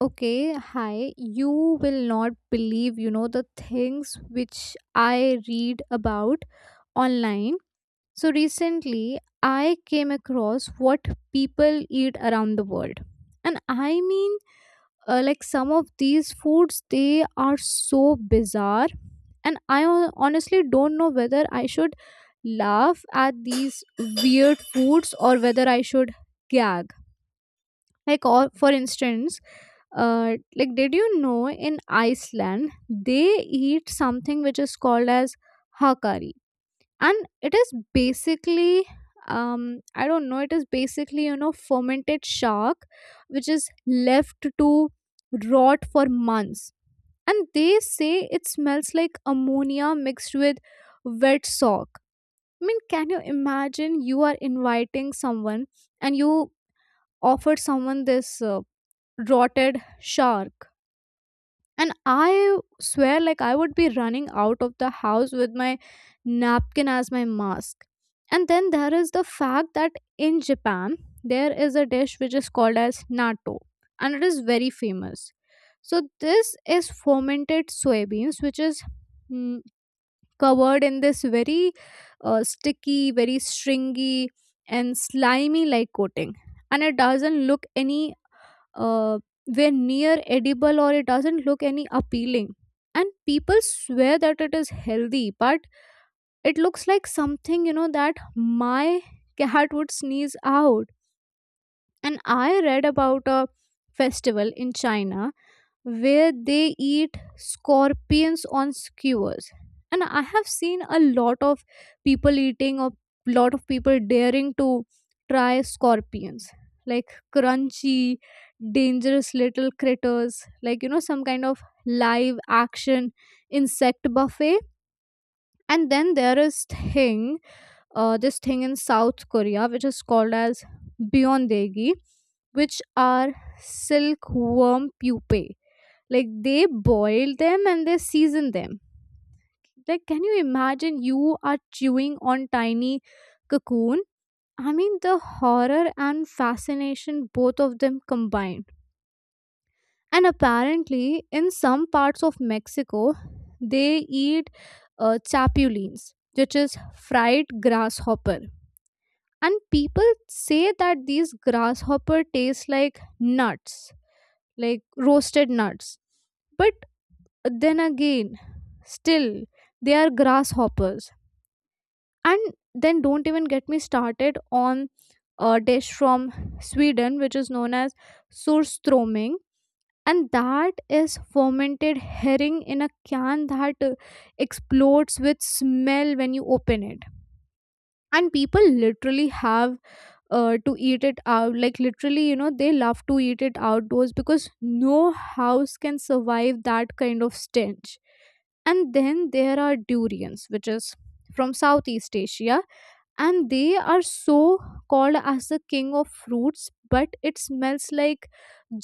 Okay, hi. You will not believe the things which I read about online. So recently, I came across what people eat around the world. And I mean, like, some of these foods, they are so bizarre. And I honestly don't know whether I should laugh at these weird foods or whether I should gag, like, or for instance, like, did you know in Iceland they eat something which is called as hakari? And it is basically, um I don't know, it is basically fermented shark, which is left to rot for months. And they say it smells like ammonia mixed with wet sock. I mean, can you imagine? You are inviting someone, and you offer someone this, rotted shark, and I swear, like, I would be running out of the house with my napkin as my mask. And then there is the fact that in Japan there is a dish which is called as natto, and it is very famous. So this is fermented soybeans, which is mm, covered in this very sticky, very stringy and slimy like coating, and it doesn't look any uh, were near edible, or it doesn't look any appealing. And people swear that it is healthy, but it looks like something that my cat would sneeze out. And I read about a festival in China where they eat scorpions on skewers. And I have seen a lot of people eating, a lot of people daring to try scorpions, like crunchy dangerous little critters, like some kind of live action insect buffet. And then there is thing this thing in South Korea which is called as beyondegi, which are silkworm pupae. Like, they boil them and they season them. Like, can you imagine you are chewing on tiny cocoon? I mean, the horror and fascination, both of them combined. And apparently in some parts of Mexico they eat, chapulines, which is fried grasshopper. And people say that these grasshopper taste like nuts, like roasted nuts, but then again, still, they are grasshoppers. And then don't even get me started on a dish from Sweden which is known as surstroming. And that is fermented herring in a can that, explodes with smell when you open it. And people literally have, to eat it out, like, literally, they love to eat it outdoors because no house can survive that kind of stench. And then there are durians which is from Southeast Asia, and they are so called as the king of fruits, but it smells like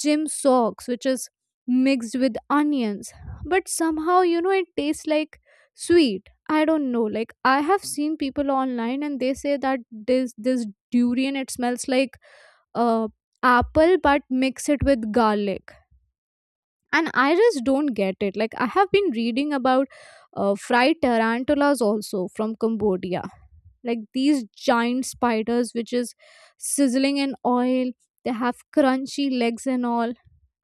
gym socks which is mixed with onions. But somehow, it tastes like sweet, I don't know. Like, I have seen people online and they say that this durian, it smells like, uh apple but mix it with garlic. And I just don't get it. Like, I have been reading about, fried tarantulas also from Cambodia, like these giant spiders which is sizzling in oil. They have crunchy legs and all.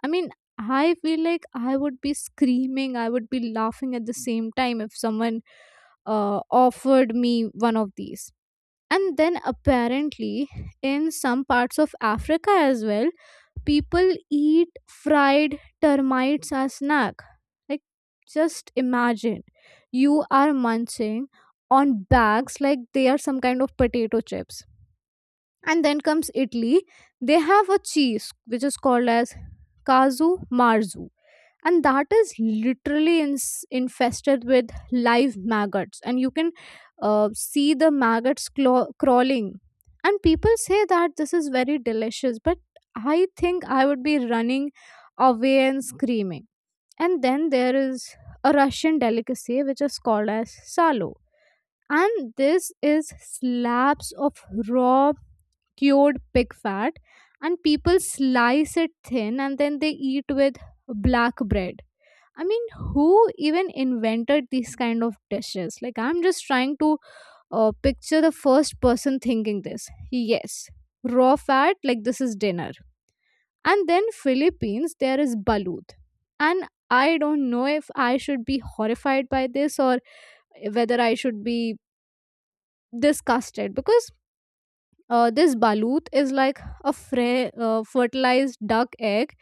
I mean, I feel like I would be screaming, I would be laughing at the same time if someone, offered me one of these. And then apparently in some parts of Africa as well, people eat fried termites as snack. Like, just imagine you are munching on bags like they are some kind of potato chips. And then comes Italy. They have a cheese which is called as casu marzu, and that is literally infested with live maggots, and you can, see the maggots crawling. And people say that this is very delicious, but I think I would be running away and screaming. And then there is a Russian delicacy which is called as salo, and this is slabs of raw cured pig fat. And people slice it thin and then they eat with black bread. I mean, who even invented these kind of dishes? Like, I'm just trying to, picture the first person thinking this. Yes, raw fat, like this is dinner. And then Philippines, there is balut. And I don't know if I should be horrified by this or whether I should be disgusted, because this balut is like a fertilized duck egg,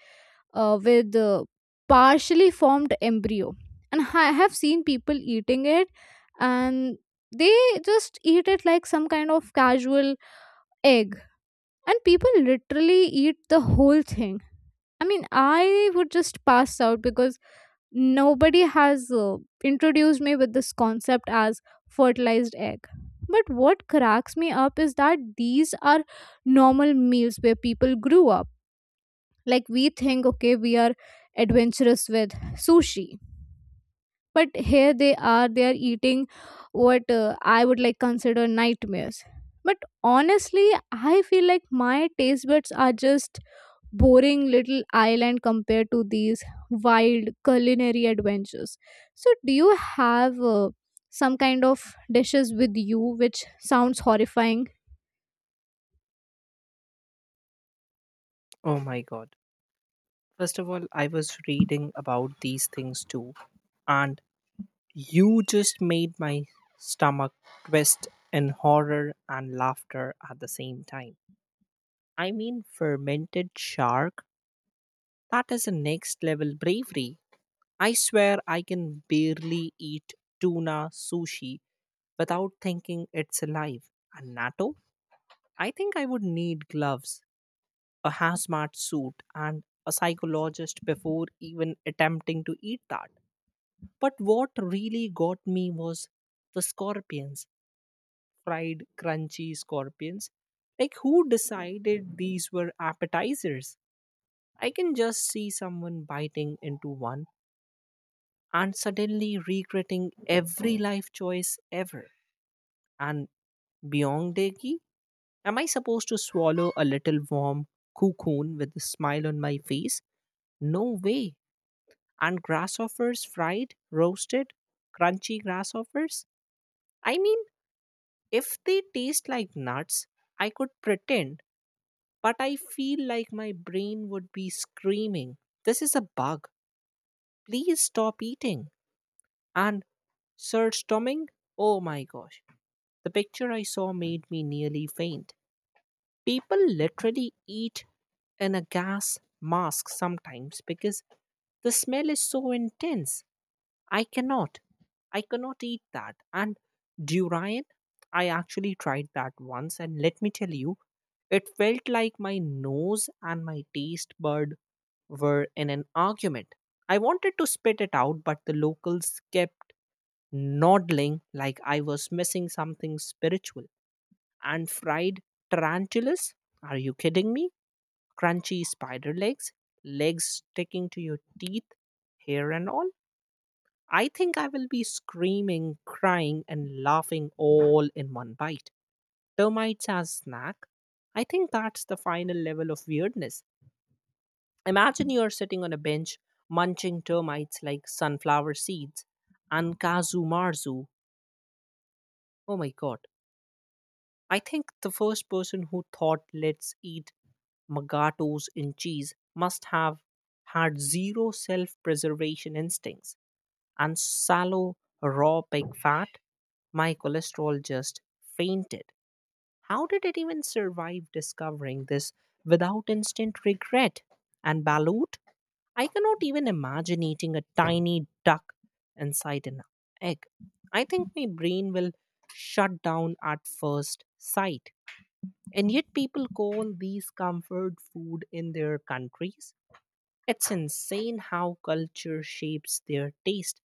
with, partially formed embryo. And I have seen people eating it, and they just eat it like some kind of casual egg. And people literally eat the whole thing. I mean, I would just pass out because nobody has, introduced me with this concept as fertilized egg. But what cracks me up is that these are normal meals where people grew up. Like, we think okay we are adventurous with sushi, but here they are, they are eating what, I would like consider nightmares. But honestly, I feel like my taste buds are just boring little island compared to these wild culinary adventures. So, do you have, some kind of dishes with you which sounds horrifying? Oh my God. First of all, I was reading about these things too, and you just made my stomach twist in horror and laughter at the same time. I mean, fermented shark? That is a next level bravery. I swear I can barely eat tuna sushi without thinking it's alive. And natto? I think I would need gloves, a hazmat suit, and a psychologist before even attempting to eat that. But what really got me was the scorpions, fried, crunchy scorpions. Like, who decided these were appetizers? I can just see someone biting into one and suddenly regretting every life choice ever. And beyond Deki, am I supposed to swallow a little warm cocoon with a smile on my face? No way. And grasshoppers fried, roasted, crunchy grasshoppers. I mean, if they taste like nuts, I could pretend, but I feel like my brain would be screaming, this is a bug. Please stop eating. And Sir Stomming, oh my gosh, the picture I saw made me nearly faint. People literally eat in a gas mask sometimes because the smell is so intense. I cannot. I cannot eat that. And durian, I actually tried that once, and let me tell you, it felt like my nose and my taste bud were in an argument. I wanted to spit it out, but the locals kept nodding like I was missing something spiritual. And fried tarantulas? Are you kidding me? Crunchy spider legs, legs sticking to your teeth, hair and all? I think I will be screaming, crying, and laughing all in one bite. Termites as snack. I think that's the final level of weirdness. Imagine you're sitting on a bench munching termites like sunflower seeds. And kazu marzu. Oh my god. I think the first person who thought let's eat magatos in cheese must have had zero self preservation instincts. And sallow, raw pig fat, my cholesterol just fainted. How did it even survive discovering this without instant regret? And balut, I cannot even imagine eating a tiny duck inside an egg. I think my brain will shut down at first sight. And yet, people call these comfort food in their countries. It's insane how culture shapes their taste.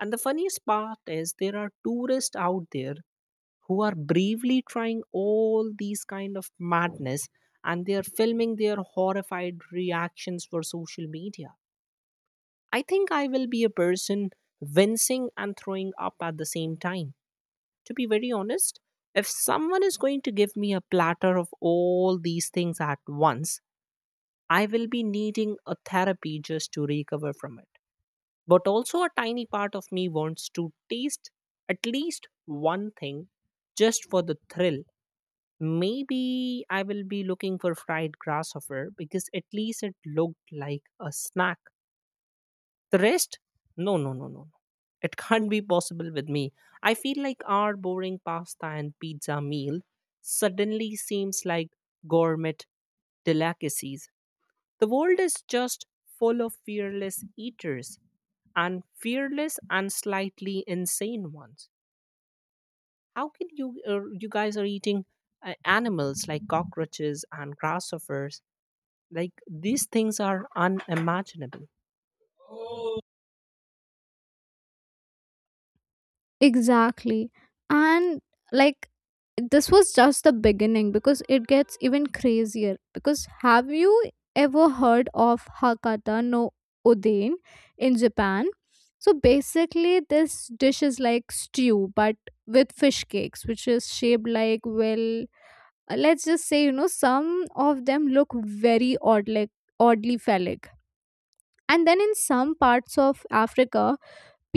And the funniest part is there are tourists out there who are bravely trying all these kind of madness and they are filming their horrified reactions for social media. I think I will be a person wincing and throwing up at the same time. To be very honest, if someone is going to give me a platter of all these things at once, I will be needing a therapy just to recover from it. But also, a tiny part of me wants to taste at least one thing just for the thrill. Maybe I will be looking for fried grasshopper because at least it looked like a snack. The rest, no, no, no, no, no. It can't be possible with me. I feel like our boring pasta and pizza meal suddenly seems like gourmet delicacies. The world is just full of fearless eaters and fearless and slightly insane ones. How can you, you guys are eating animals like cockroaches and grasshoppers? Like, these things are unimaginable. Exactly. And, like, this was just the beginning because it gets even crazier. Because have you ever heard of Hakata no Oden in Japan? So basically, this dish is like stew but with fish cakes, which is shaped like, well, let's just say some of them look very odd, like oddly phallic. And then in some parts of Africa,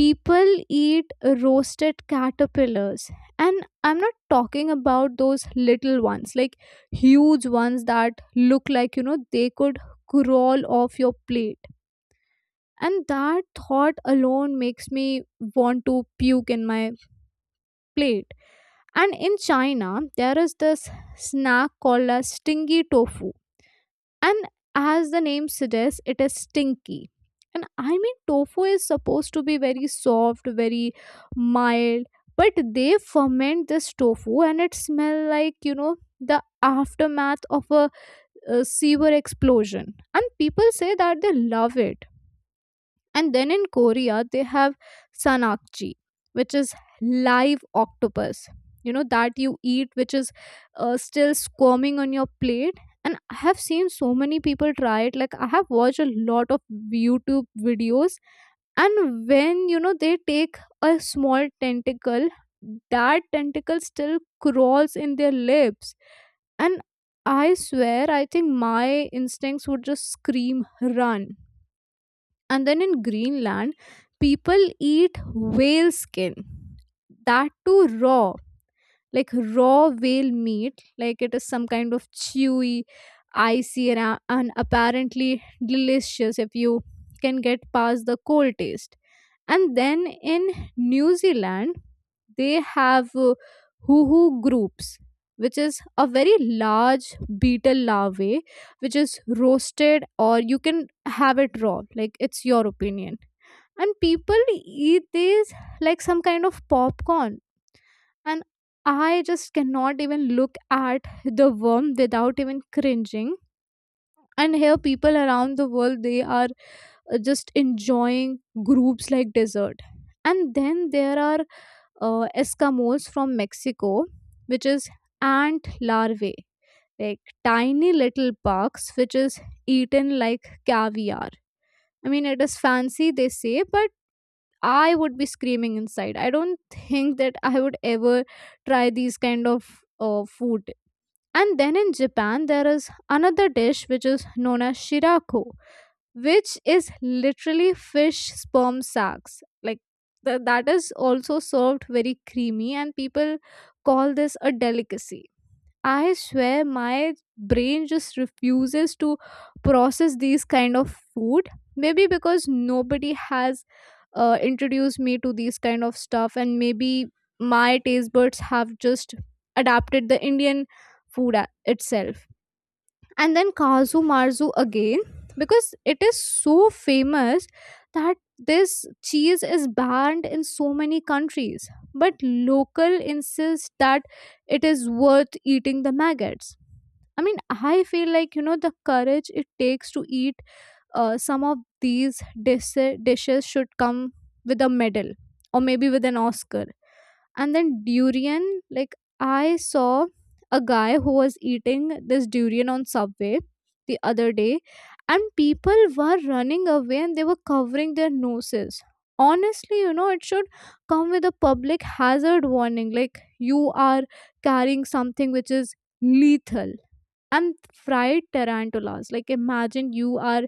people eat roasted caterpillars, and I'm not talking about those little ones, like huge ones that look like they could crawl off your plate. And that thought alone makes me want to puke in my plate. And in China there is this snack called as stingy tofu. And as the name suggests, it is stinky. And I mean, tofu is supposed to be very soft, very mild, but they ferment this tofu and it smells like, the aftermath of a, sewer explosion. And people say that they love it. And then in Korea, they have sanakchi, which is live octopus, that you eat, which is, still squirming on your plate. And I have seen so many people try it. Like, I have watched a lot of YouTube videos. And when, they take a small tentacle, that tentacle still crawls in their lips. And I swear, I think my instincts would just scream, run. And then in Greenland, people eat whale skin, that too raw, like raw whale meat, like it is some kind of chewy icy, and and apparently delicious if you can get past the cold taste. And then in New Zealand they have, hoo groups, which is a very large beetle larvae which is roasted or you can have it raw, like it's your opinion. And people eat these like some kind of popcorn. And I just cannot even look at the worm without even cringing. And here people around the world, they are, just enjoying groups like dessert. And then there are, eskimos from Mexico, which is ant larvae, like tiny little bugs which is eaten like caviar. I mean, it is fancy they say, but I would be screaming inside. I don't think that I would ever try these kind of, food. And then in Japan, there is another dish which is known as shirako, which is literally fish sperm sacs. Like, that is also served very creamy, and people call this a delicacy. I swear my brain just refuses to process these kind of food. Maybe because nobody has, introduced me to these kind of stuff, and maybe my taste buds have just adapted the Indian food itself. And then Kazu Marzu again, because it is so famous that this cheese is banned in so many countries. But local insist that it is worth eating the maggots. I mean, I feel like the courage it takes to eat some of these dis- dishes should come with a medal or maybe with an Oscar. And then durian, like I saw a guy who was eating this durian on subway the other day, and people were running away and they were covering their noses. Honestly, it should come with a public hazard warning, like you are carrying something which is lethal. And fried tarantulas, like imagine you are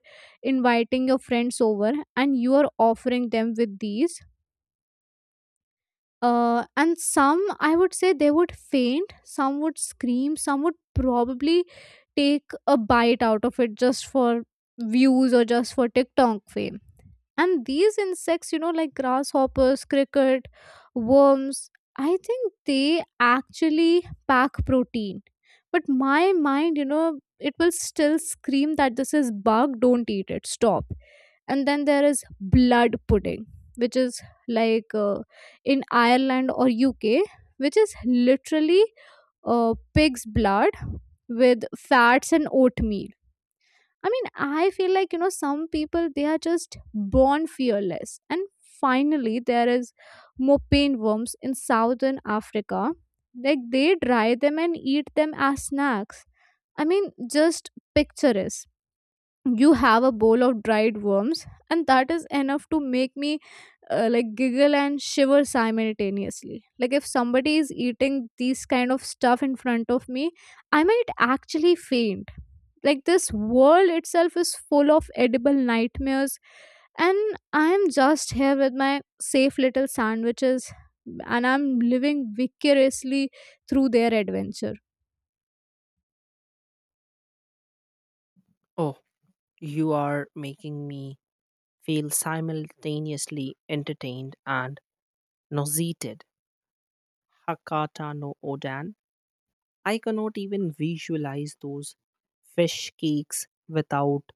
inviting your friends over and you are offering them with these and some, I would say, they would faint, some would scream, some would probably take a bite out of it just for views or just for TikTok fame. And these insects, like grasshoppers, cricket, worms, I think they actually pack protein, but my mind, it will still scream that this is bug, don't eat it, stop. And then there is blood pudding, which is like in Ireland or UK, which is literally pig's blood with fats and oatmeal. I mean, I feel like, some people, they are just born fearless. And finally, there is mopane worms in southern Africa. Like, they dry them and eat them as snacks. I mean, just picture is you have a bowl of dried worms, and that is enough to make me like giggle and shiver simultaneously. Like, if somebody is eating these kind of stuff in front of me, I might actually faint. Like this world itself is full of edible nightmares, and I am just here with my safe little sandwiches, and I'm living vicariously through their adventure. Oh, you are making me feel simultaneously entertained and nauseated. Hakata no Odan. I cannot even visualize those fish cakes without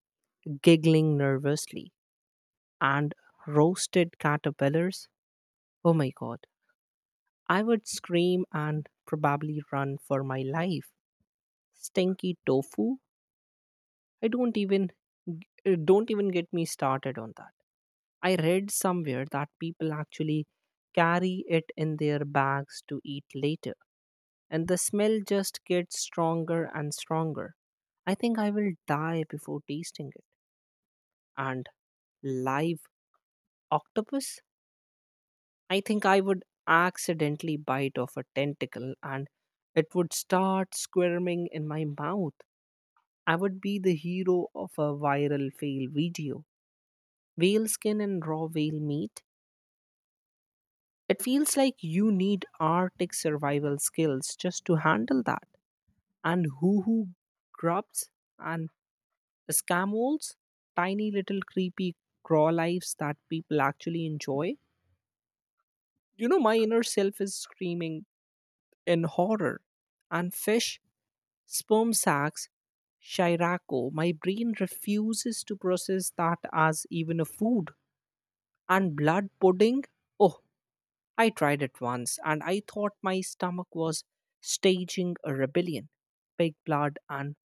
giggling nervously. And roasted caterpillars. Oh my god, I would scream and probably run for my life. Stinky tofu? I don't even get me started on that. I read somewhere that people actually carry it in their bags to eat later, and the smell just gets stronger and stronger. I think I will die before tasting it. And live octopus? I think I would accidentally bite off a tentacle and it would start squirming in my mouth. I would be the hero of a viral fail video. Whale skin and raw whale meat. It feels like you need Arctic survival skills just to handle that. And hoo hoo grubs and scamoles, tiny little creepy craw lives that people actually enjoy. You know, my inner self is screaming in horror. And fish sperm sacs, shirako. My brain refuses to process that as even a food. And blood pudding? Oh, I tried it once and I thought my stomach was staging a rebellion. Pig blood and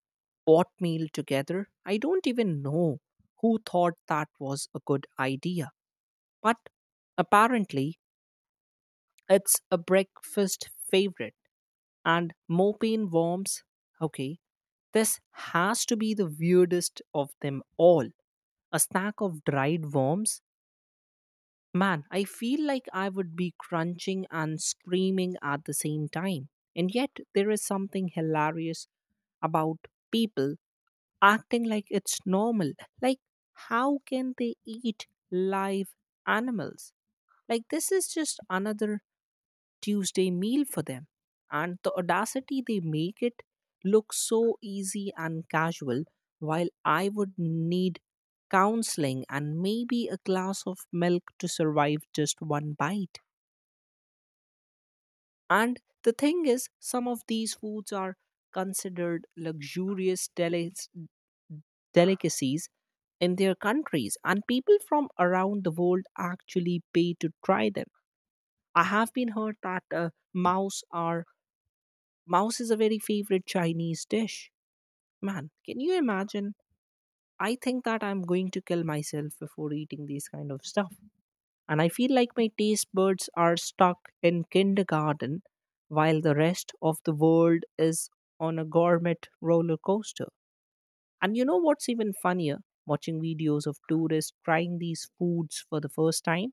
oatmeal together? I don't even know who thought that was a good idea. But apparently, it's a breakfast favorite. And mopane worms? Okay, this has to be the weirdest of them all. A stack of dried worms? Man, I feel like I would be crunching and screaming at the same time. And yet, there is something hilarious about people acting like it's normal. Like, how can they eat live animals? Like, this is just another Tuesday meal for them. And the audacity, they make it look so easy and casual, while I would need counseling and maybe a glass of milk to survive just one bite. And the thing is, some of these foods are considered luxurious delicacies in their countries, and people from around the world actually pay to try them. I have been heard that Mouse is a very favorite Chinese dish. Man, can you imagine? I think that I'm going to kill myself before eating these kind of stuff. And I feel like my taste buds are stuck in kindergarten while the rest of the world is on a gourmet roller coaster. And you know what's even funnier? Watching videos of tourists trying these foods for the first time,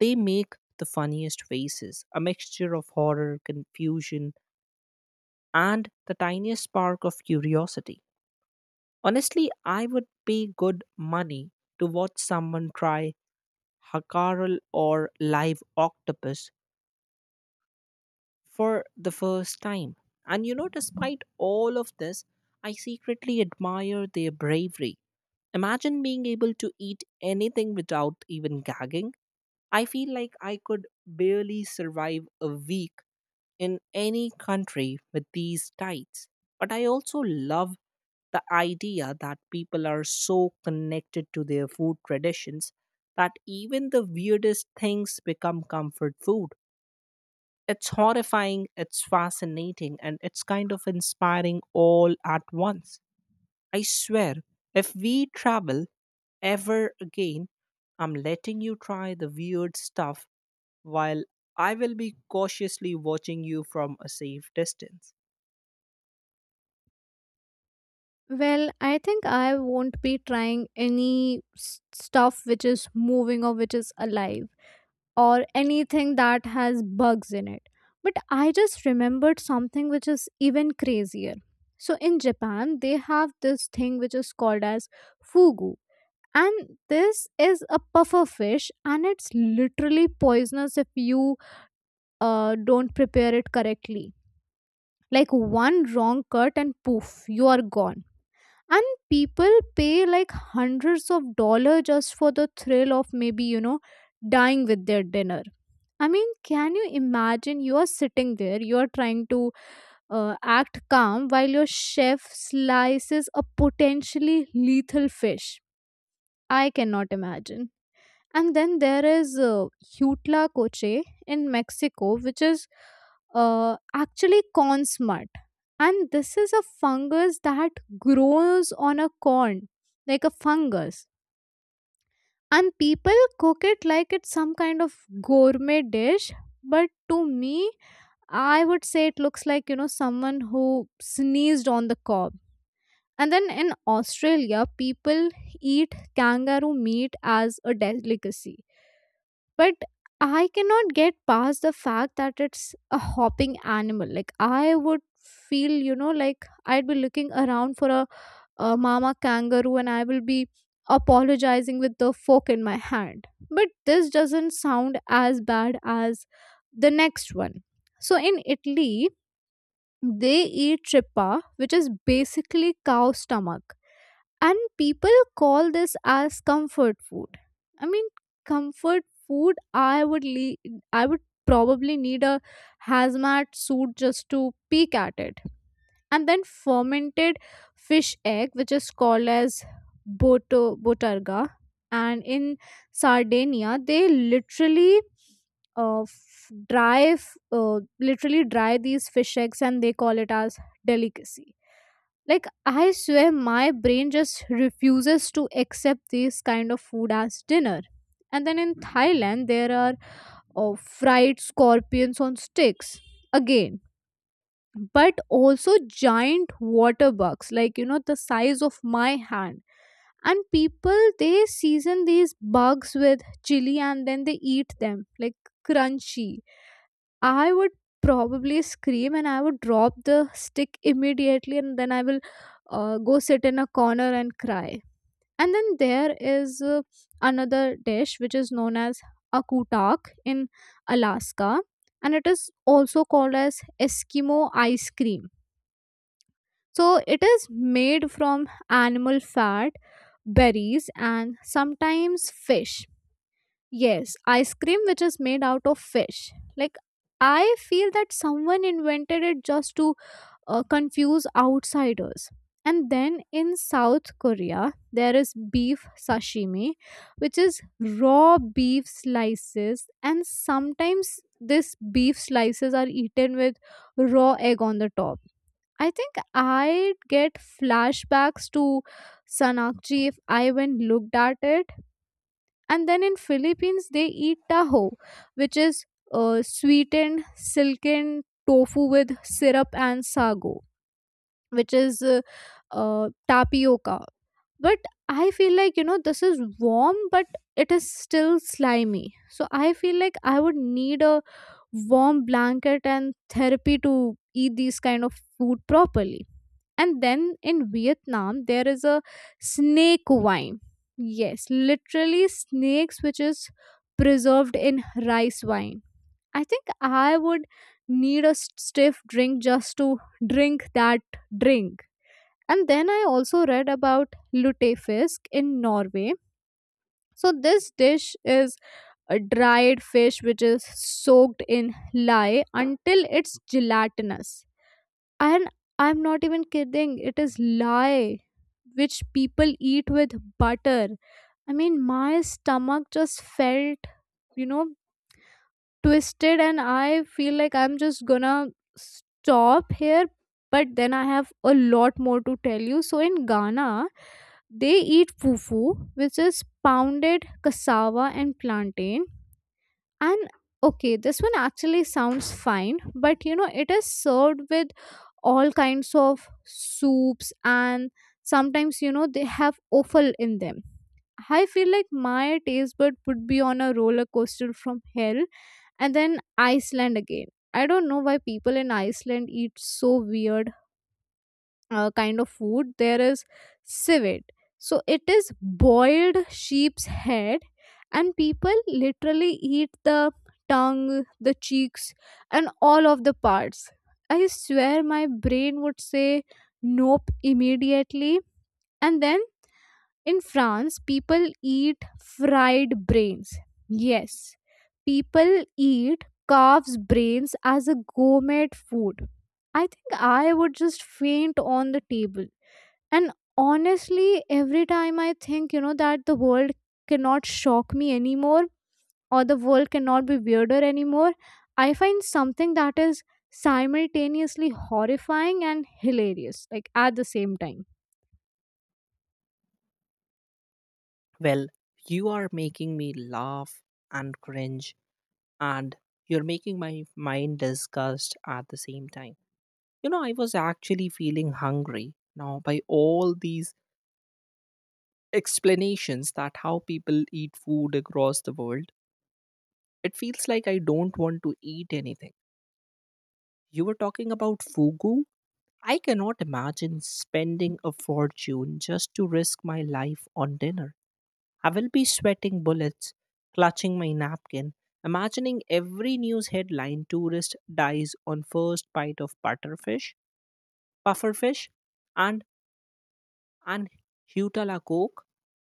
they make the funniest faces, a mixture of horror, confusion, and the tiniest spark of curiosity. Honestly, I would pay good money to watch someone try Hakarl or live octopus for the first time. And you know, despite all of this, I secretly admire their bravery. Imagine being able to eat anything without even gagging. I feel like I could barely survive a week in any country with these tights. But I also love the idea that people are so connected to their food traditions that even the weirdest things become comfort food. It's horrifying, it's fascinating, and it's kind of inspiring all at once. I swear, if we travel ever again, I'm letting you try the weird stuff while I will be cautiously watching you from a safe distance. Well, I think I won't be trying any stuff which is moving or which is alive, or anything that has bugs in it. But I just remembered something which is even crazier. So in Japan, they have this thing which is called as fugu, and this is a puffer fish, and it's literally poisonous if you don't prepare it correctly. Like one wrong cut and poof, you are gone. And people pay like hundreds of dollars just for the thrill of maybe, dying with their dinner. I mean, can you imagine? You are sitting there, you are trying to act calm while your chef slices a potentially lethal fish. I cannot imagine. And then there is Hutla Coche in Mexico, which is actually corn smut. And this is a fungus that grows on a corn, like a fungus. And people cook it like it's some kind of gourmet dish. But to me, I would say it looks like, someone who sneezed on the cob. And then in Australia, people eat kangaroo meat as a delicacy, but I cannot get past the fact that it's a hopping animal. Like I would feel, like I'd be looking around for a mama kangaroo, and I will be apologizing with the fork in my hand. But this doesn't sound as bad as the next one. So in Italy, they eat trippa, which is basically cow stomach, and people call this as comfort food. I mean, comfort food, I I would probably need a hazmat suit just to peek at it. And then fermented fish egg, which is called as boto botarga. And in Sardinia, they literally uh, f- dry f- uh, literally dry these fish eggs and they call it as delicacy. Like I swear, my brain just refuses to accept this kind of food as dinner. And then in Thailand, there are uh, fried scorpions on sticks, again, but also giant water bugs, like the size of my hand. And people, they season these bugs with chili and then they eat them like crunchy. I would probably scream and I would drop the stick immediately, and then I will go sit in a corner and cry. And then there is another dish which is known as akutak in Alaska, and it is also called as Eskimo ice cream. So it is made from animal fat, berries, and sometimes fish. Yes, ice cream which is made out of fish. Like I feel that someone invented it just to confuse outsiders. And then in South Korea, there is beef sashimi, which is raw beef slices, and sometimes this beef slices are eaten with raw egg on the top. I think I get flashbacks to Sanakji if I even looked at it. And then in Philippines, they eat taho, which is sweetened silken tofu with syrup and sago, which is tapioca. But I feel like, this is warm but it is still slimy. So I feel like I would need a warm blanket and therapy to eat these kind of food properly. And then in Vietnam, there is a snake wine. Yes, literally snakes, which is preserved in rice wine. I think I would need a stiff drink just to drink that drink. And then I also read about lutefisk in Norway. So this dish is a dried fish which is soaked in lye until it's gelatinous. And I'm not even kidding, it is lye which people eat with butter. I mean, my stomach just felt, you know twisted, and I feel like I'm just gonna stop here. But then I have a lot more to tell you. So in Ghana, they eat fufu, which is pounded cassava and plantain. And okay, this one actually sounds fine, but it is served with all kinds of soups, and sometimes they have offal in them. I feel like my taste bud would be on a roller coaster from hell. And then Iceland again. I don't know why people in Iceland eat so weird kind of food. There is civet, so it is boiled sheep's head, and people literally eat the tongue, the cheeks, and all of the parts. I swear, my brain would say nope immediately. And then in France, people eat fried brains. Yes, people eat calves brains as a gourmet food. I think I would just faint on the table. And honestly, every time I think, that the world cannot shock me anymore, or the world cannot be weirder anymore, I find something that is simultaneously horrifying and hilarious, like at the same time. Well, you are making me laugh and cringe, and you're making my mind disgust at the same time. You know, I was actually feeling hungry now by all these explanations that how people eat food across the world. It feels like I don't want to eat anything. You were talking about fugu? I cannot imagine spending a fortune just to risk my life on dinner. I will be sweating bullets, clutching my napkin, imagining every news headline tourist dies on first bite of butterfish, pufferfish, and an Hutala Coke.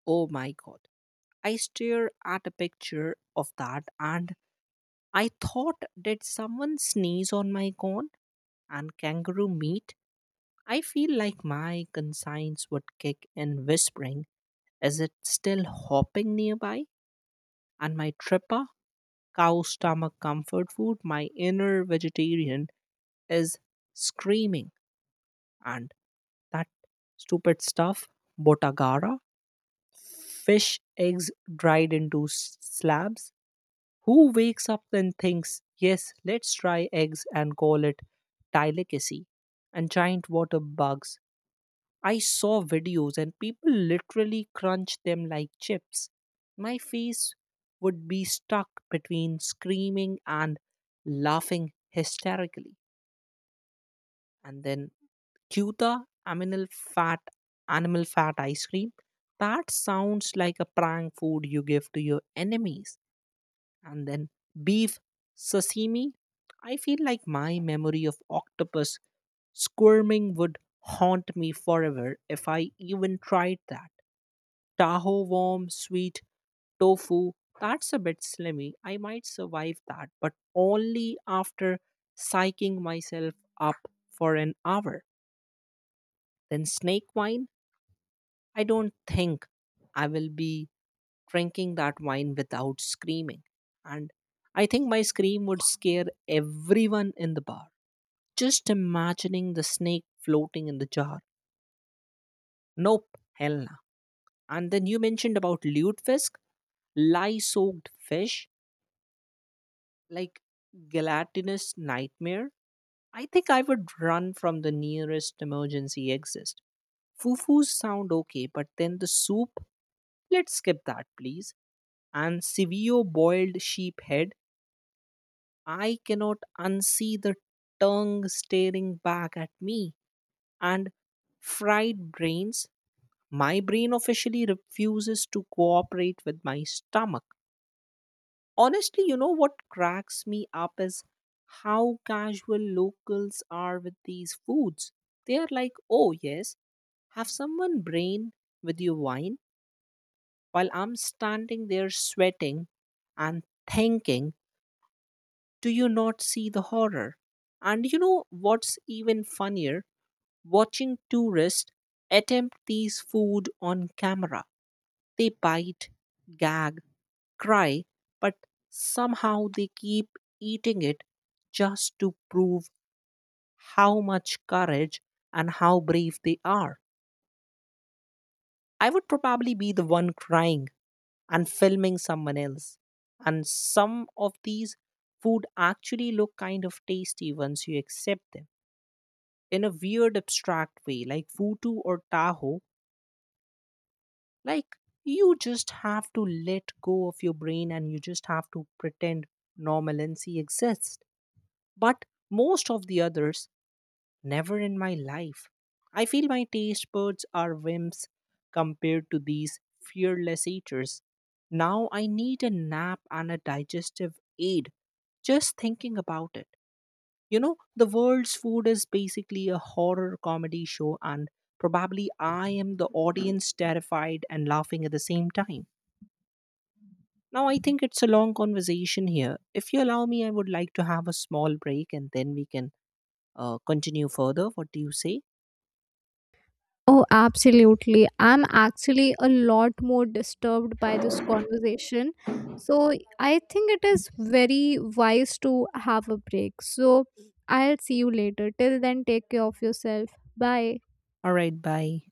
Oh my god. I stare at a picture of that and I thought, did someone sneeze on my corn? And kangaroo meat? I feel like my conscience would kick in whispering, is it still hopping nearby? And my tripper cow stomach comfort food, my inner vegetarian is screaming. And that stupid stuff, botagara, fish eggs dried into slabs. Who wakes up and thinks, yes, let's try eggs and call it delicacy? And giant water bugs, I saw videos and people literally crunch them like chips. My face would be stuck between screaming and laughing hysterically. And then Cuta aminal fat animal fat ice cream. That sounds like a prank food you give to your enemies. And then beef sashimi. I feel like my memory of octopus squirming would haunt me forever if I even tried that. Taho warm, sweet, tofu, that's a bit slimy. I might survive that, but only after psyching myself up for an hour. Then snake wine, I don't think I will be drinking that wine without screaming. And I think my scream would scare everyone in the bar. Just imagining the snake floating in the jar. Nope, hell nah. And then you mentioned about lutefisk, lye soaked fish, like gelatinous nightmare, I think I would run from the nearest emergency exit. Fufus sound okay, but then the soup, let's skip that, please. And Sevio boiled sheep head, I cannot unsee the tongue staring back at me. And fried brains, my brain officially refuses to cooperate with my stomach. Honestly, you know what cracks me up is how casual locals are with these foods. They are like, oh, yes, have someone brain with your wine, while I'm standing there sweating and thinking, do you not see the horror? And you know what's even funnier? Watching tourists attempt these food on camera. They bite, gag, cry, but somehow they keep eating it just to prove how much courage and how brave they are. I would probably be the one crying and filming someone else. And some of these food actually look kind of tasty once you accept them in a weird abstract way, like Futu or Tahoe. Like, you just have to let go of your brain and you just have to pretend normalcy exists. But most of the others, never in my life. I feel my taste buds are wimps compared to these fearless eaters. Now I need a nap and a digestive aid just thinking about it. You know, the world's food is basically a horror comedy show, and probably I am the audience terrified and laughing at the same time. Now, I think it's a long conversation here. If you allow me, I would like to have a small break and then we can continue further. What do you say? Oh, absolutely. I'm actually a lot more disturbed by this conversation. So I think it is very wise to have a break. So I'll see you later. Till then, take care of yourself. Bye. All right, bye.